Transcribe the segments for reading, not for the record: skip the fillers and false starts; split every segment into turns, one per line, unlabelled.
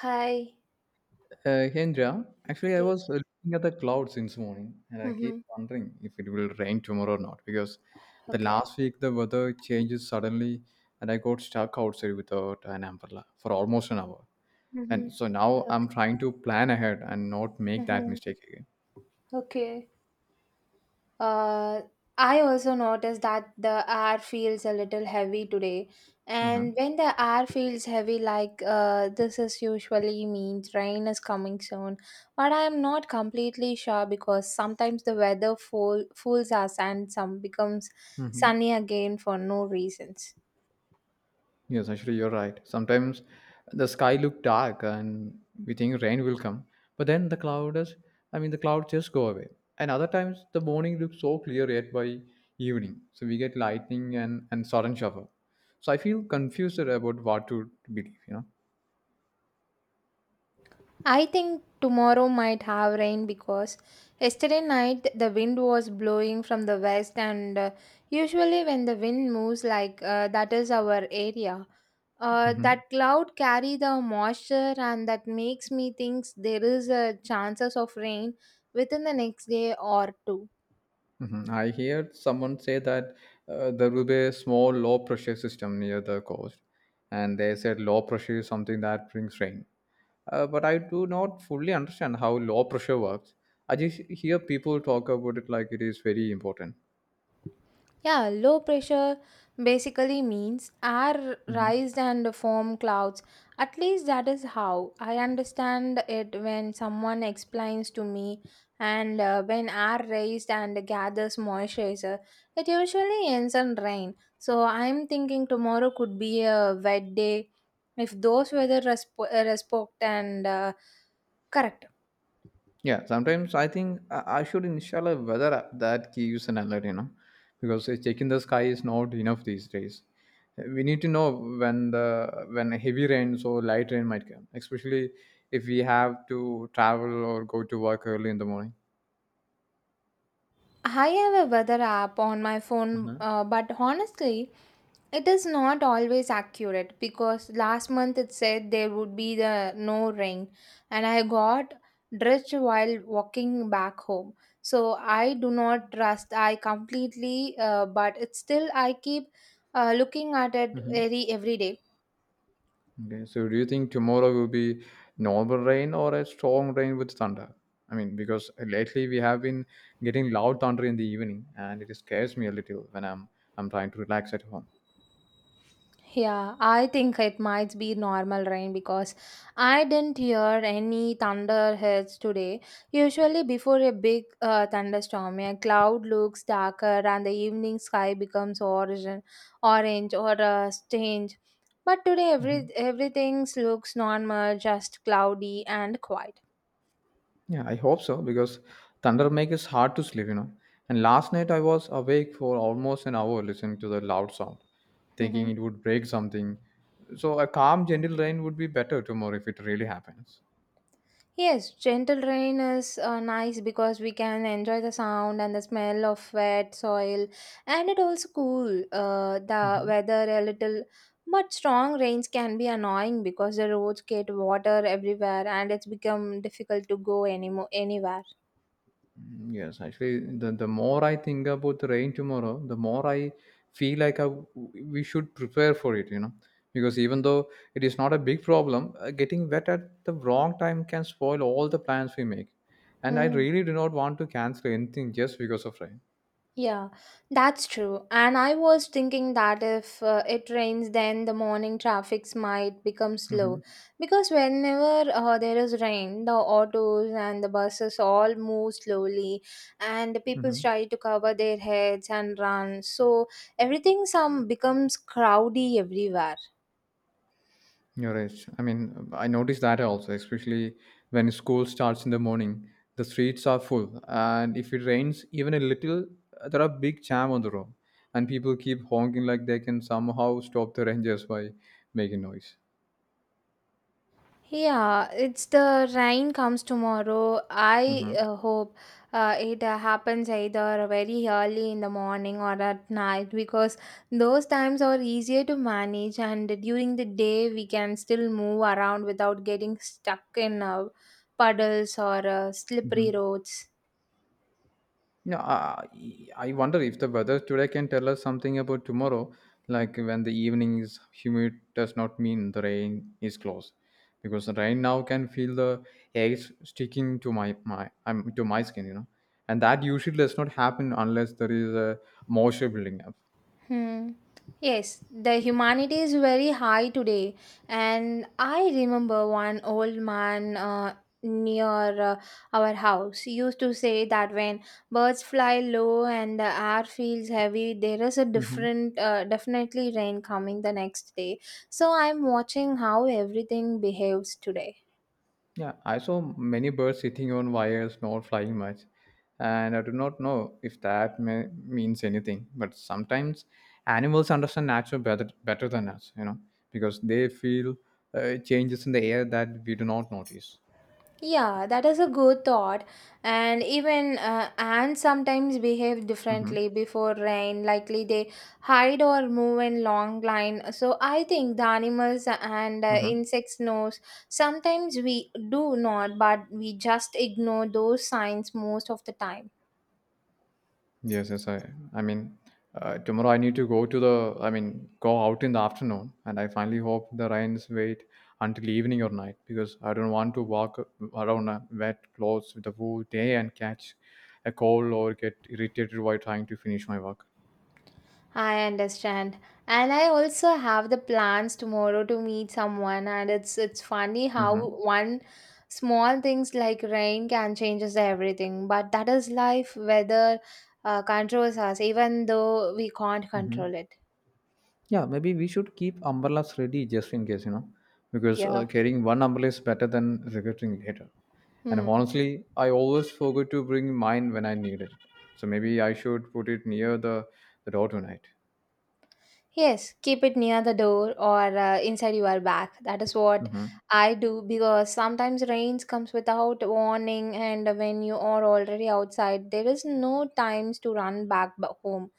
Hi.
Hendra, actually, I
Yes.
was looking at the clouds since morning, and I keep
Mm-hmm.
wondering if it will rain tomorrow or not. Because the
Okay.
last week the weather changes suddenly, and I got stuck outside without an umbrella for almost an hour.
Mm-hmm.
And so now
Okay.
I'm trying to plan ahead and not make that
Mm-hmm.
mistake again.
Okay. Uh, I also noticed that the air feels a little heavy today.
Uh-huh.
And when the air feels heavy, like this is usually means rain is coming soon. But I am not completely sure because sometimes the weather fools us and some becomes
Hmm.
sunny again for no reasons.
Yes, actually, you're right. Sometimes the sky look dark and we think rain will come, but then the clouds, I mean, the clouds just go away. And other times the morning looks so clear yet by evening, so we get lightning and sudden shower. So I feel confused about what to believe.
I think tomorrow might have rain because yesterday night the wind was blowing from the west, and usually when the wind moves like that is our area.
Mhm.
That cloud carry the moisture and that makes me think there is a chances of rain within the next day or two.
Mhm. I heard someone say that there will be a small low pressure system near the coast, and they said low pressure is something that brings rain. But I do not fully understand how low pressure works. I just hear people talk about it like it is very important.
Yeah, low pressure basically means air
Mhm.
rise and form clouds. At least that is how I understand it when someone explains to me. And when air raised and gathers moisturizer, it usually ends in rain. So I'm thinking tomorrow could be a wet day if those weather respect and correct.
Yeah, sometimes I think I should install a weather app that gives an alert, because checking the sky is not enough these days. We need to know when heavy rains or light rain might come, especially if we have to travel or go to work early in the morning.
I have a weather app on my phone,
Hmm.
but honestly, it is not always accurate because last month it said there would be the no rain, and I got drenched while walking back home. So I do not trust I completely, but it's still I keep looking at it
Hmm.
every day.
Okay, so do you think tomorrow will be normal rain or a strong rain with thunder? I mean, because lately we have been getting loud thunder in the evening, and it scares me a little when I'm trying to relax at home.
Yeah, I think it might be normal rain because I didn't hear any thunder hits today. Usually, before a big thunderstorm, a cloud looks darker and the evening sky becomes orange, or strange. But today, everything looks normal, just cloudy and quiet.
Yeah, I hope so because thunder make is hard to sleep. And last night I was awake for almost an hour listening to the loud sound, thinking it would break something. So a calm, gentle rain would be better tomorrow if it really happens.
Yes, gentle rain is nice because we can enjoy the sound and the smell of wet soil, and it also cool the weather a little. But strong rains can be annoying because the roads get water everywhere and it's become difficult to go anymore anywhere.
Mm, yes, actually, the more I think about the rain tomorrow, the more I feel like we should prepare for it. Because even though it is not a big problem, getting wet at the wrong time can spoil all the plans we make. And I
Hmm.
really do not want to cancel anything just because of rain.
Yeah, that's true. And I was thinking that if it rains, then the morning traffics might become
Mm-hmm.
slow. Because whenever there is rain, the autos and the buses all move slowly, and the people
Mm-hmm.
try to cover their heads and run. So everything some becomes crowdy everywhere.
You're right. I mean, I noticed that also, especially when school starts in the morning. The streets are full, and if it rains even a little, there are big jam on the road, and people keep honking like they can somehow stop the rangers by making noise.
Yeah, it's the rain comes tomorrow. I
Mm-hmm.
hope it happens either very early in the morning or at night because those times are easier to manage, and during the day, we can still move around without getting stuck in puddles or
Mm-hmm.
slippery roads.
No, I wonder if the weather today can tell us something about tomorrow. Like when the evening is humid, does not mean the rain is close, because the rain now can feel the air sticking to my skin, and that usually does not happen unless there is a moisture building up.
Hmm. Yes, the humanity is very high today, and I remember one old man near our house used to say that when birds fly low and the air feels heavy, there is a
Hmm.
different, definitely rain coming the next day. So I'm watching how everything behaves today.
Yeah, I saw many birds sitting on wires, not flying much, and I do not know if means anything. But sometimes animals understand nature better than us, because they feel changes in the air that we do not notice.
Yeah, that is a good thought. And even ants sometimes behave
Mm-hmm.
differently before rain. Likely they hide or move in long line. So I think the animals and
Mm-hmm.
insects knows. Sometimes we do not, but we just ignore those signs most of the time.
Yes, yes, I mean, tomorrow I need to go to I mean, go out in the afternoon, and I finally hope the rains wait until evening or night because I don't want to walk around wet clothes with the whole day and catch a cold or get irritated while trying to finish my work.
I understand. And I also have the plans tomorrow to meet someone and it's funny how
Mm-hmm.
one small things like rain can changes everything. But that is life weather controls us even though we can't
Mm-hmm.
control it.
Yeah, maybe we should keep umbrellas ready just in case, because
Yeah.
carrying one umbrella is better than regretting later. And
Hmm.
honestly, I always forget to bring mine when I needed it. So maybe I should put it near the door tonight.
Yes, keep it near the door or inside your bag. That is what
Hmm.
I do because sometimes rains comes without warning and when you are already outside there is no times to run back home.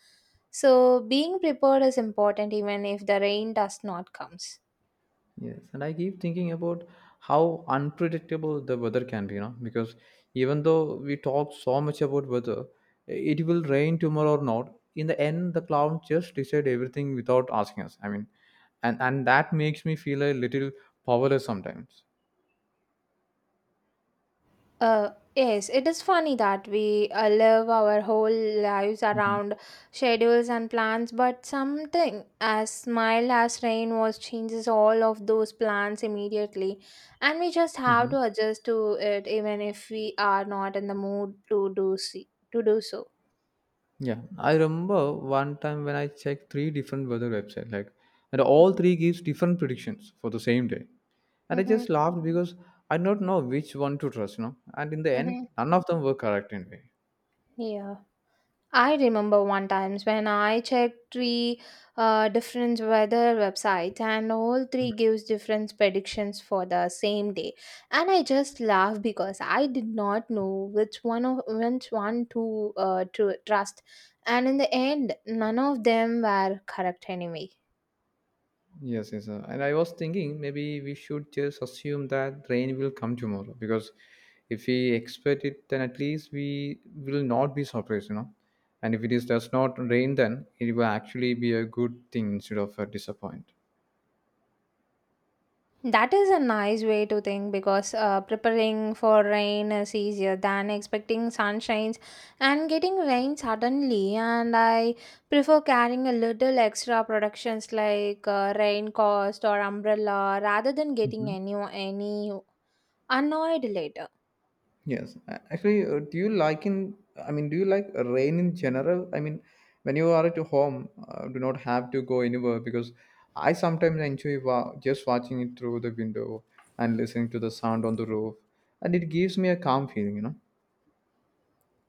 So being prepared is important even if the rain does not comes.
Yes, and I keep thinking about how unpredictable the weather can be, because even though we talk so much about weather, it will rain tomorrow or not. In the end, the cloud just decide everything without asking us. I mean, and that makes me feel a little powerless sometimes.
Yes, it is funny that we live our whole lives around schedules and plans, but something as smile as rain was changes all of those plans immediately, and we just have
Hmm.
to adjust to it even if we are not in the mood to do so.
Yeah, I remember one time when I checked three different weather websites, like, and all
Mm-hmm.
three gives different predictions for the same day, and I just laughed because I don't know which one to trust. And in the end,
Mm-hmm.
none of them were correct anyway.
Yeah. I remember one times when I checked three different weather websites and all three gives different predictions for the same day and I just laughed because I did not know which one to trust and in the end none of them were correct anyway.
Yes, yes, and I was thinking maybe we should just assume that rain will come tomorrow because if we expect it, then at least we will not be surprised. And if it is does not rain, then it will actually be a good thing instead of a disappointment.
That is a nice way to think because preparing for rain is easier than expecting sunshines and getting rain suddenly. And I prefer carrying a little extra productions like rain cost or umbrella rather than getting any annoyed later.
Yes, actually, do you like in? I mean, do you like rain in general? I mean, when you are at home, do not have to go anywhere because I sometimes enjoy just watching it through the window and listening to the sound on the roof, and it gives me a calm feeling.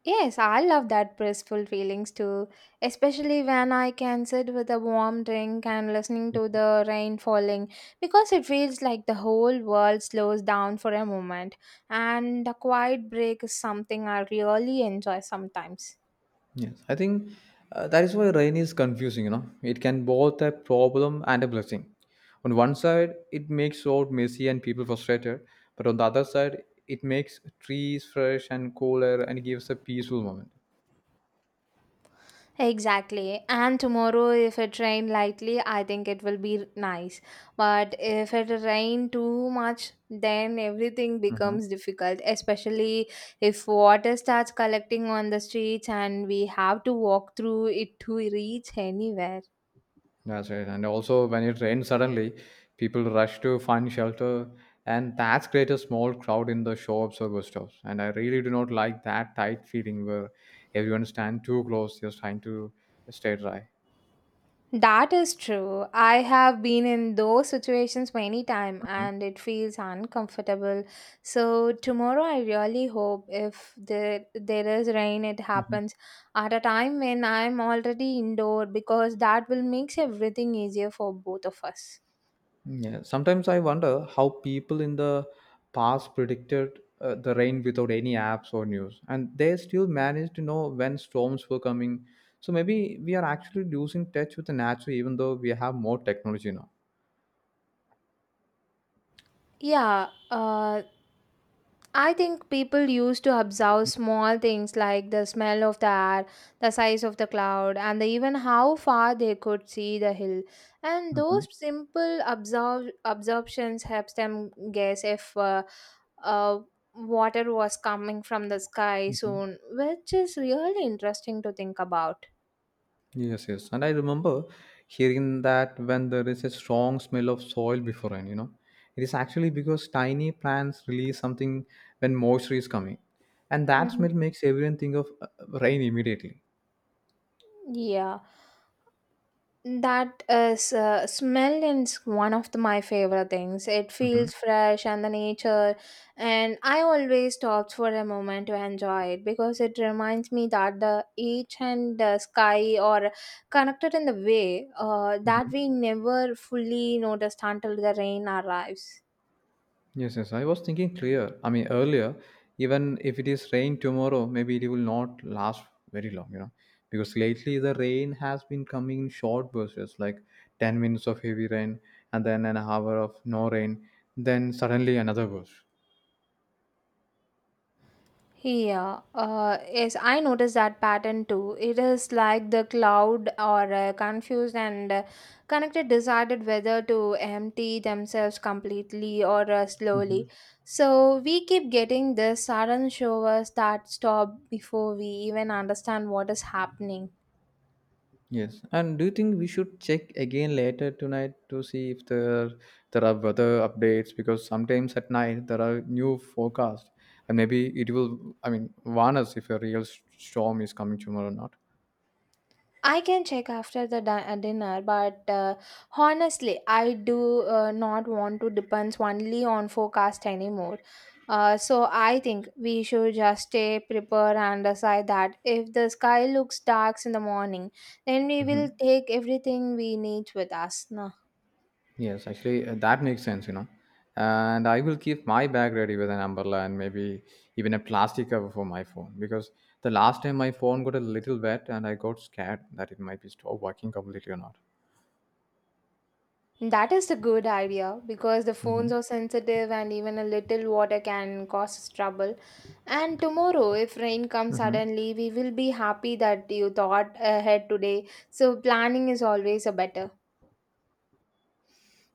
Yes, I love that blissful feelings too, especially when I can sit with a warm drink and listening to the rain falling because it feels like the whole world slows down for a moment and a quiet break is something I really enjoy sometimes.
Yes, I think that is why rain is confusing. It can both a problem and a blessing. On one side, it makes road messy and people frustrated, but on the other side, it makes trees fresh and cooler and gives a peaceful moment.
Exactly. And tomorrow, if it rain lightly, I think it will be nice. But if it rain too much, then everything
Mhm.
becomes difficult, especially if water starts collecting on the streets and we have to walk through it to reach anywhere.
That's right. And also, when it rains suddenly, people rush to find shelter, and that's create a small crowd in the shops or bus stops. And I really do not like that tight feeling where everyone stand too close, just trying to stay dry.
That is true. I have been in those situations many times
Mhm.
and it feels uncomfortable. So tomorrow I really hope if there is rain it
Mhm.
happens at a time when I'm already indoor because that will makes everything easier for both of us.
Yeah. Sometimes I wonder how people in the past predicted the rain without any apps or news, and they still managed to know when storms were coming. So maybe we are actually losing touch with the nature, even though we have more technology now.
Yeah, I think people used to observe small things like the smell of the air, the size of the cloud, and even how far they could see the hill. And
Mhm.
those simple absorb absorptions helps them guess if uh, water was coming from the sky
Mhm.
soon, which is really interesting to think about.
Yes, yes. And I remember hearing that when there is a strong smell of soil before rain, it is actually because tiny plants release something when moisture is coming. And that
Mhm.
smell makes everyone think of rain immediately.
Yeah. That is smell is my favorite things. It feels fresh and the nature, and I always stop for a moment to enjoy it because it reminds me that the earth and the sky are connected in the way that
Mhm.
we never fully noticed until the rain arrives.
Yes, yes. I was thinking clear. I mean, earlier, even if it is rain tomorrow, maybe it will not last very long, because lately the rain has been coming in short bursts, like 10 minutes of heavy rain and then an hour of no rain, then suddenly another burst.
Yeah, yes, I noticed that pattern too. It is like the cloud or confused and connected decided whether to empty themselves completely or slowly.
Hmm.
So we keep getting this sudden showers that stop before we even understand what is happening.
Yes. And do you think we should check again later tonight to see if there are weather updates? Because sometimes at night there are new forecasts, and maybe it will, I mean, warn us if a real storm is coming tomorrow or not.
I can check after the dinner, but honestly, I do not want to depend only on forecast anymore. So I think we should just stay prepared and decide that if the sky looks dark in the morning, then we will
Mhm.
take everything we need with us.
Yes, actually, that makes sense. And I will keep my bag ready with an umbrella and maybe even a plastic cover for my phone because the last time my phone got a little wet and I got scared that it might be stopped working completely or not.
That is a good idea because the
Hmm.
phones are sensitive and even a little water can cause us trouble. And tomorrow, if rain comes
Hmm.
suddenly, we will be happy that you thought ahead today. So, planning is always a better.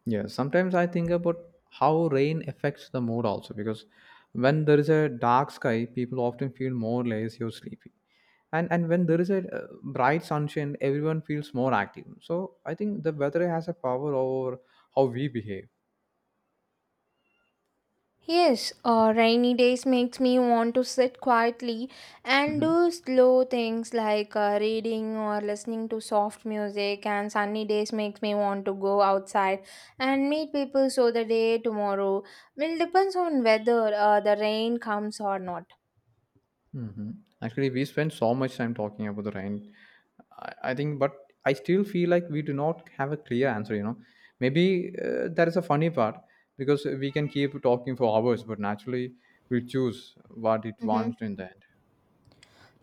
Yeah, sometimes I think about how rain affects the mood also because when there is a dark sky, people often feel more lazy or sleepy. And when there is a bright sunshine, everyone feels more active. So I think the weather has a power over how we behave.
Yes, rainy days makes me want to sit quietly and
Mhm,
do slow things like reading or listening to soft music. And sunny days makes me want to go outside and meet people. So the day tomorrow will depends on whether the rain comes or not.
mhm. Actually, we spend so much time talking about the rain. I think, but I still feel like we do not have a clear answer. Maybe that is a funny part because we can keep talking for hours, but naturally we choose what it
Mhm.
wants in the end.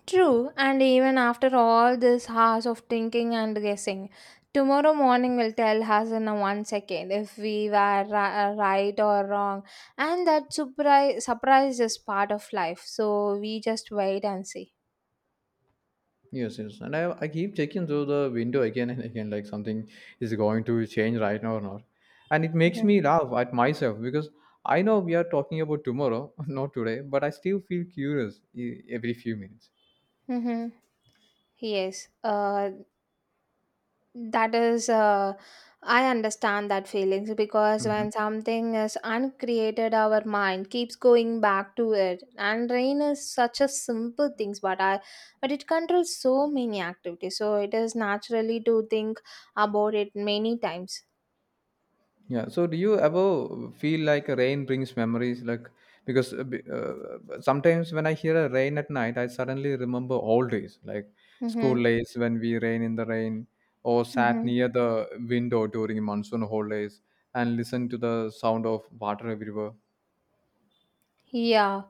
True, and even after all this hours of thinking and guessing, tomorrow morning will tell us in a 1 second if we were right or wrong, and that surprise is part of life. So we just wait and see.
Yes, yes. And I keep checking through the window again and again, like something is going to change right now or not. And it makes
Mm-hmm.
me laugh at myself because I know we are talking about tomorrow, not today, but I still feel curious every few minutes.
Mm-hmm. Yes. That is, uh, I understand that feelings because when something is uncreated, our mind keeps going back to it. And rain is such a simple things, but it controls so many activities. So it is naturally to think about it many times.
Yeah. So, do you ever feel like rain brings memories? Like, because sometimes when I hear a rain at night, I suddenly remember old days, like
Mm-hmm.
school days when we rain in the rain, or sat
Mm-hmm.
near the window during monsoon holidays and listened to the sound of water everywhere.
Yeah.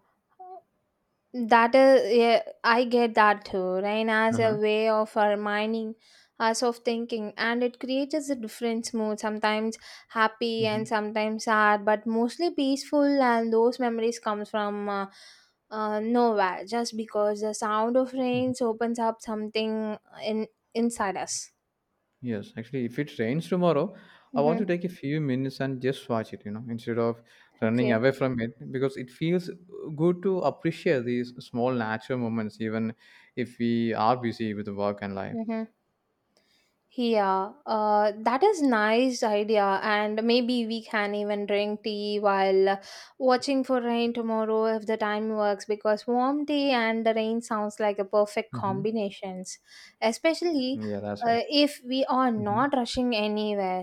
That is, yeah, I get that too. Rain as a
Uh-huh.
way of reminding us of thinking, and it creates a different mood sometimes happy and
Hmm.
sometimes sad, but mostly peaceful. And those memories come from nowhere just because the sound of rains opens up something in inside us.
Yes, actually, if it rains tomorrow, I want
Mm-hmm.
to take a few minutes and just watch it, instead of running
Okay.
away from it because it feels good to appreciate these small natural moments, even if we are busy with work and life.
Mm-hmm. Yeah, that is nice idea, and maybe we can even drink tea while watching for rain tomorrow if the time works. Because warm tea and the rain sounds like a perfect
Hmm.
combinations, especially
Yeah, that's right.
if we are
Mm-hmm.
not rushing anywhere.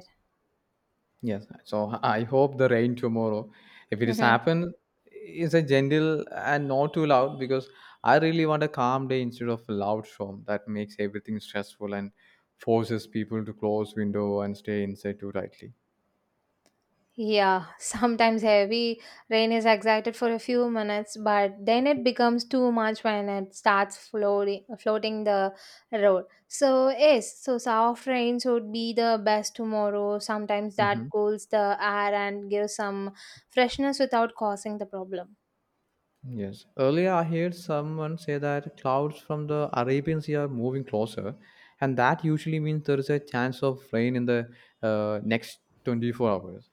Yes. So I hope the rain tomorrow, if it is
Mhm.
happen, is a gentle and not too loud because I really want a calm day instead of a loud storm that makes everything stressful and forces people to close window and stay inside too tightly.
Yeah, sometimes heavy rain is excited for a few minutes, but then it becomes too much when it starts floating the road. So yes, so soft rains would be the best tomorrow. Sometimes
Hmm.
that cools the air and gives some freshness without causing the problem.
Yes. Earlier, I heard someone say that clouds from the Arabian Sea are moving closer, and that usually means there is a chance of rain in the next 24 hours.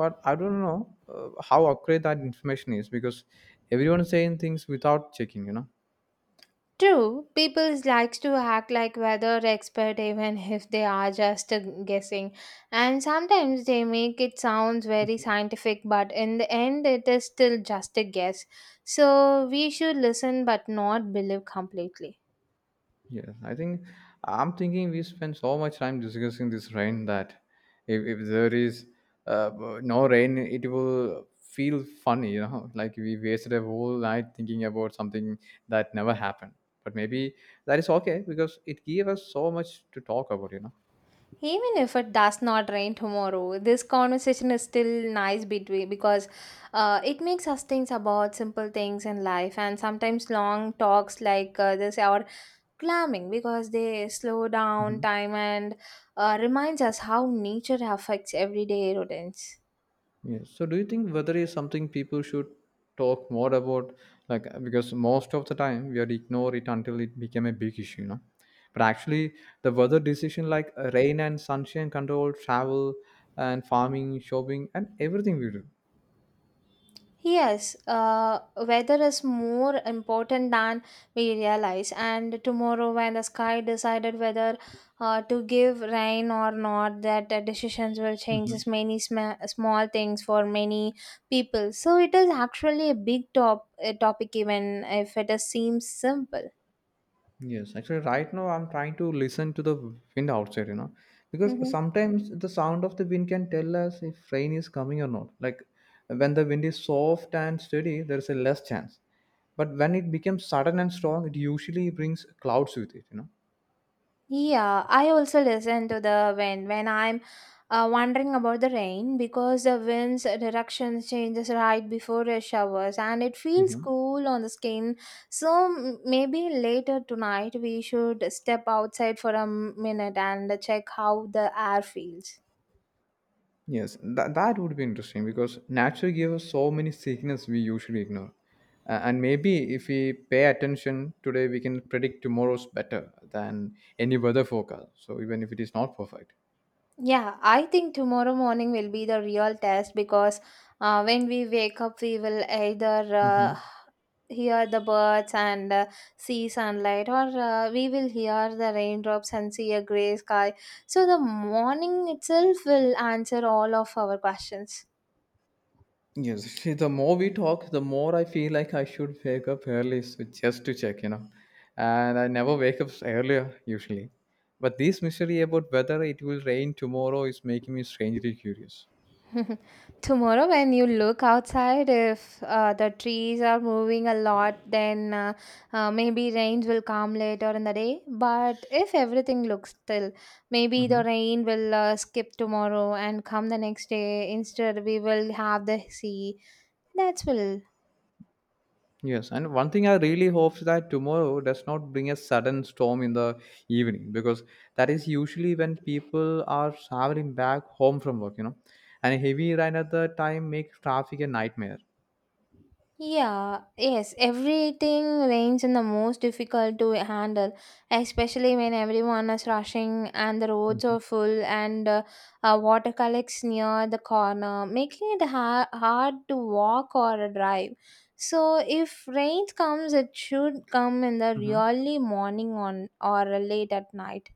But I don't know how accurate that information is because everyone's saying things, without checking, you know.
True, people likes to act like weather expert even if they are just guessing. And sometimes they make it sounds very scientific, but in the end it is still just a guess. So we should listen but not believe completely.
Yes, I think I'm thinking we spend so much time discussing this rain that if there is uh, no rain, it will feel funny, like we wasted a whole night thinking about something that never happened. But maybe that is okay because it gave us so much to talk about.
Even if it does not rain tomorrow, this conversation is still nice between because it makes us think about simple things in life and sometimes long talks like this are climbing because they slow down
Mhm.
time and reminds us how nature affects everyday routines.
Yes. So, do you think weather is something people should talk more about? Like, because most of the time we are ignore it until it became a big issue. But actually, the weather decision like rain and sunshine control, travel and farming, shopping, and everything we do.
Yes, weather is more important than we realize. And tomorrow, when the sky decided whether to give rain or not, that decisions will change
Mhm.
as many small things for many people. So it is actually a big topic, even if it is, seems simple.
Yes, actually, right now I'm trying to listen to the wind outside, because
Mhm.
sometimes the sound of the wind can tell us if rain is coming or not. Like when the wind is soft and steady, there is a less chance. But when it becomes sudden and strong, it usually brings clouds with it.
Yeah, I also listen to the wind when I'm wondering about the rain because the wind's direction changes right before the showers and it feels
Mhm.
cool on the skin. So maybe later tonight we should step outside for a minute and check how the air feels.
Yes, that would be interesting because nature gives us so many signals we usually ignore. And maybe if we pay attention today, we can predict tomorrow's better than any weather forecast. So even if it is not perfect.
Yeah, I think tomorrow morning will be the real test because when we wake up, we will either
Hmm.
hear the birds and see sunlight, or we will hear the raindrops and see a gray sky. So, the morning itself will answer all of our questions.
Yes, see, the more we talk, the more I feel like I should wake up early so just to check. And I never wake up earlier usually. But this mystery about whether it will rain tomorrow is making me strangely curious.
Tomorrow, when you look outside, if the trees are moving a lot, then maybe rains will come later in the day. But if everything looks still, maybe the
Hmm.
rain will skip tomorrow and come the next day. Instead, we will have the sea. That's will.
Yes, and one thing I really hope is that tomorrow does not bring a sudden storm in the evening because that is usually when people are traveling back home from work. And a heavy rain at the time makes traffic a nightmare.
Yeah, yes, everything rains in the most difficult to handle, especially when everyone is rushing and the roads are full and water collects near the corner, making it hard to walk or drive. So, if rain comes, it should come in the
Hmm.
early morning on or late at night.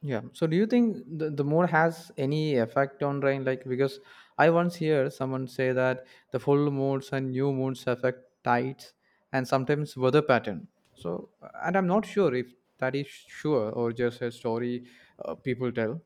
Yeah. So do you think the moon has any effect on rain? Like because I once hear someone say that the full moons and new moons affect tides and sometimes weather pattern. So, and I'm not sure if that is sure or just a story people tell.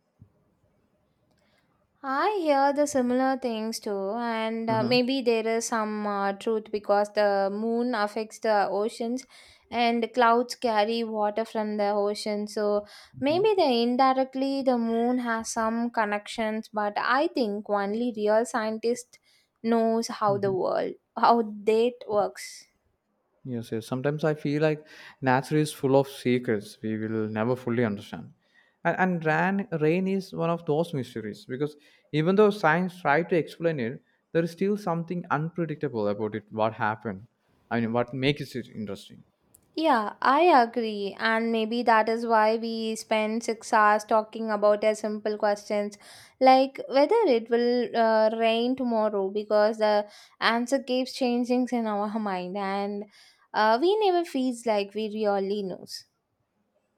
I hear the similar things too, and
Uh-huh.
maybe there is some truth because the moon affects the oceans and clouds carry water from the ocean. So maybe the indirectly the moon has some connections, but I think only real scientist knows how the world how that works.
Yes, yes. Sometimes I feel like nature is full of secrets we will never fully understand. And ran, rain is one of those mysteries because even though science tried to explain it, there is still something unpredictable about it, what happened. I mean, what makes it interesting.
Yeah, I agree. And maybe that is why we spend 6 hours talking about a simple questions like whether it will rain tomorrow because the answer keeps changing in our mind and we never feels like we really knows.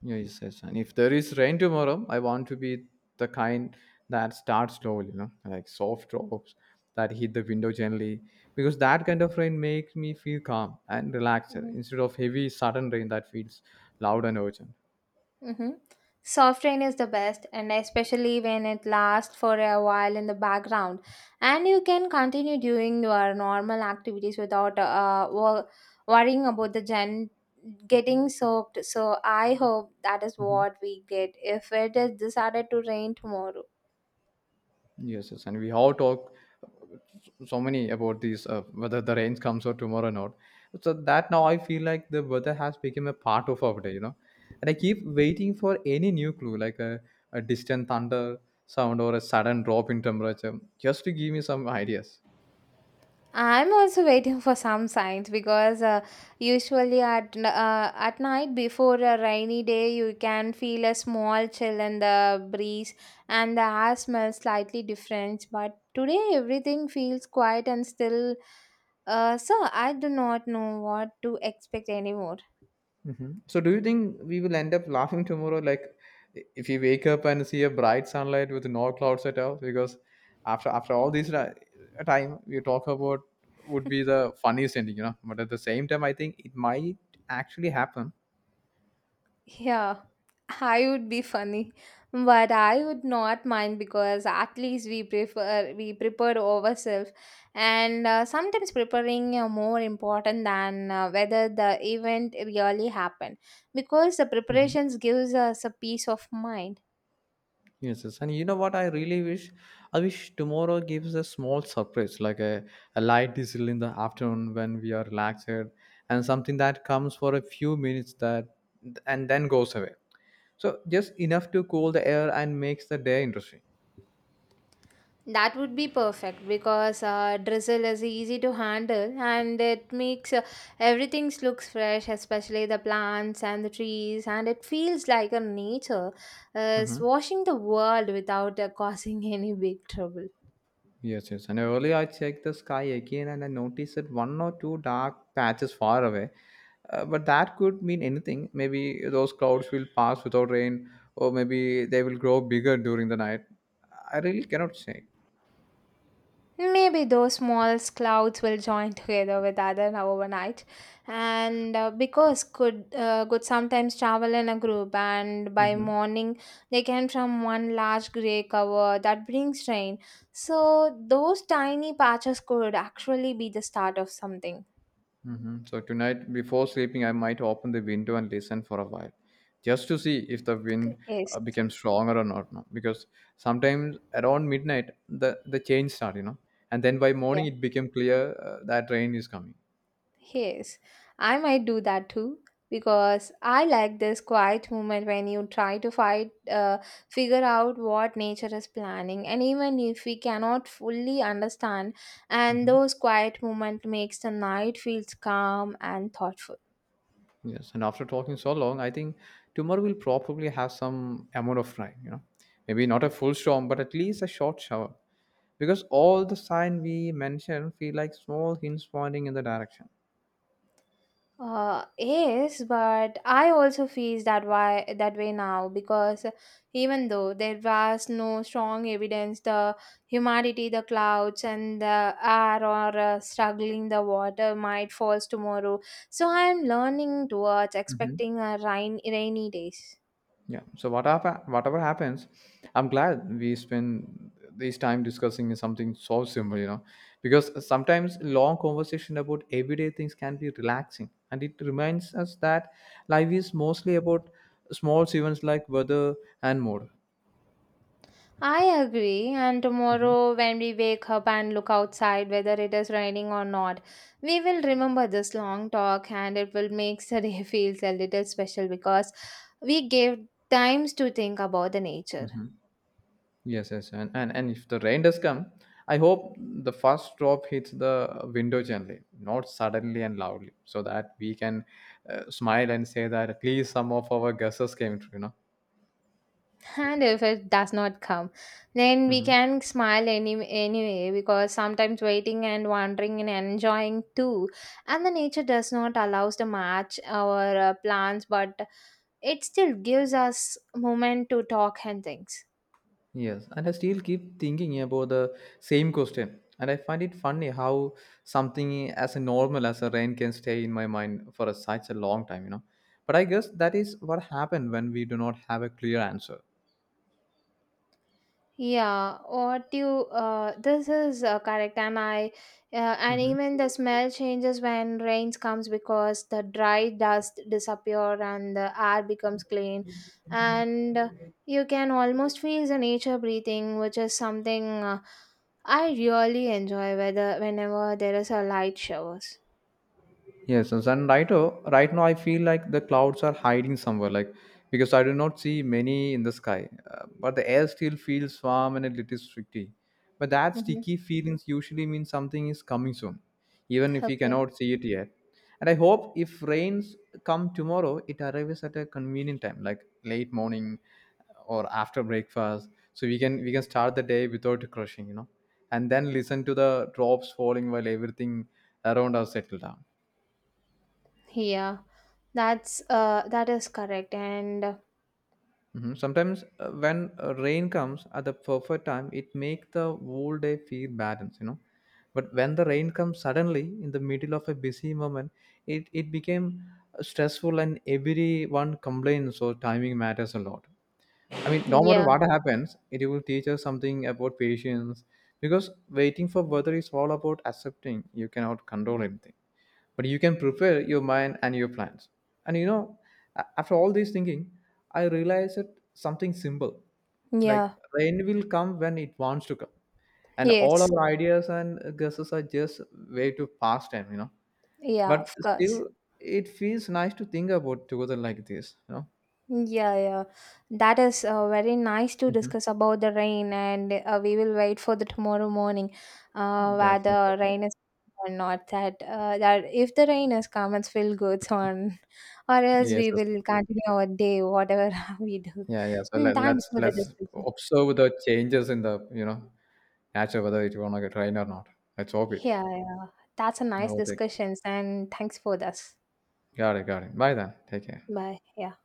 Yes, yes. And if there is rain tomorrow, I want to be the kind that starts slowly, you know, like soft drops that hit the window gently, because that kind of rain makes me feel calm and relaxed instead of heavy, sudden rain that feels loud and urgent.
Mm-hmm. Soft rain is the best, and especially when it lasts for a while in the background, and you can continue doing your normal activities without worrying about the gen getting soaked. So I hope that is
Mhm.
what we get if it is decided to rain tomorrow.
Yes, yes, and we have talked so many about these whether the rains comes or tomorrow or not. So that now I feel like the weather has become a part of our day. And I keep waiting for any new clue, like a distant thunder sound or a sudden drop in temperature, just to give me some ideas.
I'm also waiting for some signs because usually at at night before a rainy day you can feel a small chill in the breeze and the air smells slightly different. But today everything feels quiet and still. So I do not know what to expect anymore.
Mhm. So, do you think we will end up laughing tomorrow? Like, I- if you wake up and see a bright sunlight with no clouds at all, because after all this ti- time we talk about would be the funniest ending. But at the same time, I think it might actually happen.
Yeah, I would be funny, but I would not mind because at least we prepare ourselves, and sometimes preparing more important than whether the event really happened because the
Mhm.
preparations gives us a peace of mind.
Yes, yes. And you know what? I really wish. I wish tomorrow gives a small surprise, like a light drizzle in the afternoon when we are relaxed, and something that comes for a few minutes that and then goes away. So just enough to cool the air and makes the day interesting.
That would be perfect because drizzle is easy to handle and it makes everything looks fresh, especially the plants and the trees, and it feels like a nature is
Hmm.
washing the world without causing any big trouble.
Yes, yes. And earlier I checked the sky again and I noticed that one or two dark patches far away. But that could mean anything. Maybe those clouds will pass without rain, or maybe they will grow bigger during the night. I really cannot say.
Maybe those small clouds will join together with other overnight, and because could sometimes travel in a group, and by
Hmm.
morning they came from one large gray cover that brings rain. So those tiny patches could actually be the start of something.
Mhm. So tonight, before sleeping, I might open the window and listen for a while, just to see if the wind
Yes.
becomes stronger or not. No? Because sometimes around midnight, the change start, and then by
Yeah.
morning it became clear that rain is coming.
Yes, I might do that too because I like this quiet moment when you figure out what nature is planning, and even if we cannot fully understand, and
Hmm.
those quiet moment makes the night feels calm and thoughtful.
Yes, and after talking so long, I think tomorrow will probably have some amount of rain. You know, maybe not a full storm, but at least a short shower, because all the sign we mentioned feel like small hints pointing in the direction.
Yes, but I also feel that why that way now because even though there was no strong evidence, the humidity, the clouds, and the air or struggling the water might falls tomorrow. So I am learning towards
Mhm.
expecting a rainy days.
Yeah. So what hap- whatever happens, I'm glad we spend this time discussing something so simple, because sometimes long conversation about everyday things can be relaxing, and it reminds us that life is mostly about small events like weather and mood.
I agree. And
Mhm,
tomorrow, when we wake up and look outside, whether it is raining or not, we will remember this long talk and it will make the day feels a little special because we gave times to think about the nature.
mhm. Yes, yes, and if the rain does come, I hope the first drop hits the window gently, not suddenly and loudly, so that we can smile and say that at least some of our guesses came true. You know.
And if it does not come, then we
Hmm.
can smile anyway because sometimes waiting and wondering and enjoying too. And the nature does not allow us to match our plans, but it still gives us moment to talk and things.
Yes, and I still keep thinking about the same question, and I find it funny how something as normal as a rain can stay in my mind for a, such a long time. But I guess that is what happened when we do not have a clear answer.
Yeah, what you this is correct, and I and
Mm-hmm.
even the smell changes when rains comes because the dry dust disappear and the air becomes clean, and you can almost feel the nature breathing, which is something I really enjoy. Whether whenever there is a light showers.
Yes, yes, and right, right now I feel like the clouds are hiding somewhere, like because I do not see many in the sky. But the air still feels warm and a little sticky. But that
Mm-hmm.
sticky feelings usually means something is coming soon, even if we
Okay.
cannot see it yet. And I hope if rains come tomorrow, it arrives at a convenient time, like late morning or after breakfast, so we can start the day without crushing, and then listen to the drops falling while everything around us settle down.
Yeah, that is correct, and
Mhm. Sometimes when rain comes at the perfect time, it makes the whole day feel balanced. But when the rain comes suddenly in the middle of a busy moment, it became stressful and everyone complains, so timing matters a lot. I mean, no matter
yeah,
what happens, it will teach us something about patience because waiting for weather is all about accepting you cannot control anything, but you can prepare your mind and your plans. And a- after all this thinking, I realized that something simple like
yeah,
rain will come when it wants to come, and all
yes,
our ideas and guesses are just way to pass time,
yeah,
but
of course.
still it feels nice to think about together like this.
Yeah, yeah. That is very nice to
Mm-hmm.
discuss about the rain, and we will wait for the tomorrow morning,
Definitely,
whether
definitely.
rain is or not. That if the rain is come, it's feel good on, or else
Yes,
we
yes.
will continue our day, whatever we do.
Yeah, yeah, so
Mm,
let,
thanks
let's
for the
let's
discussion.
observe the changes in the you know nature whether it wanna get rain or not. Let's hope it.
Yeah, yeah. That's a nice
Okay.
discussions, and thanks for this.
Got it, got it. Bye then. Take care.
Bye. Yeah.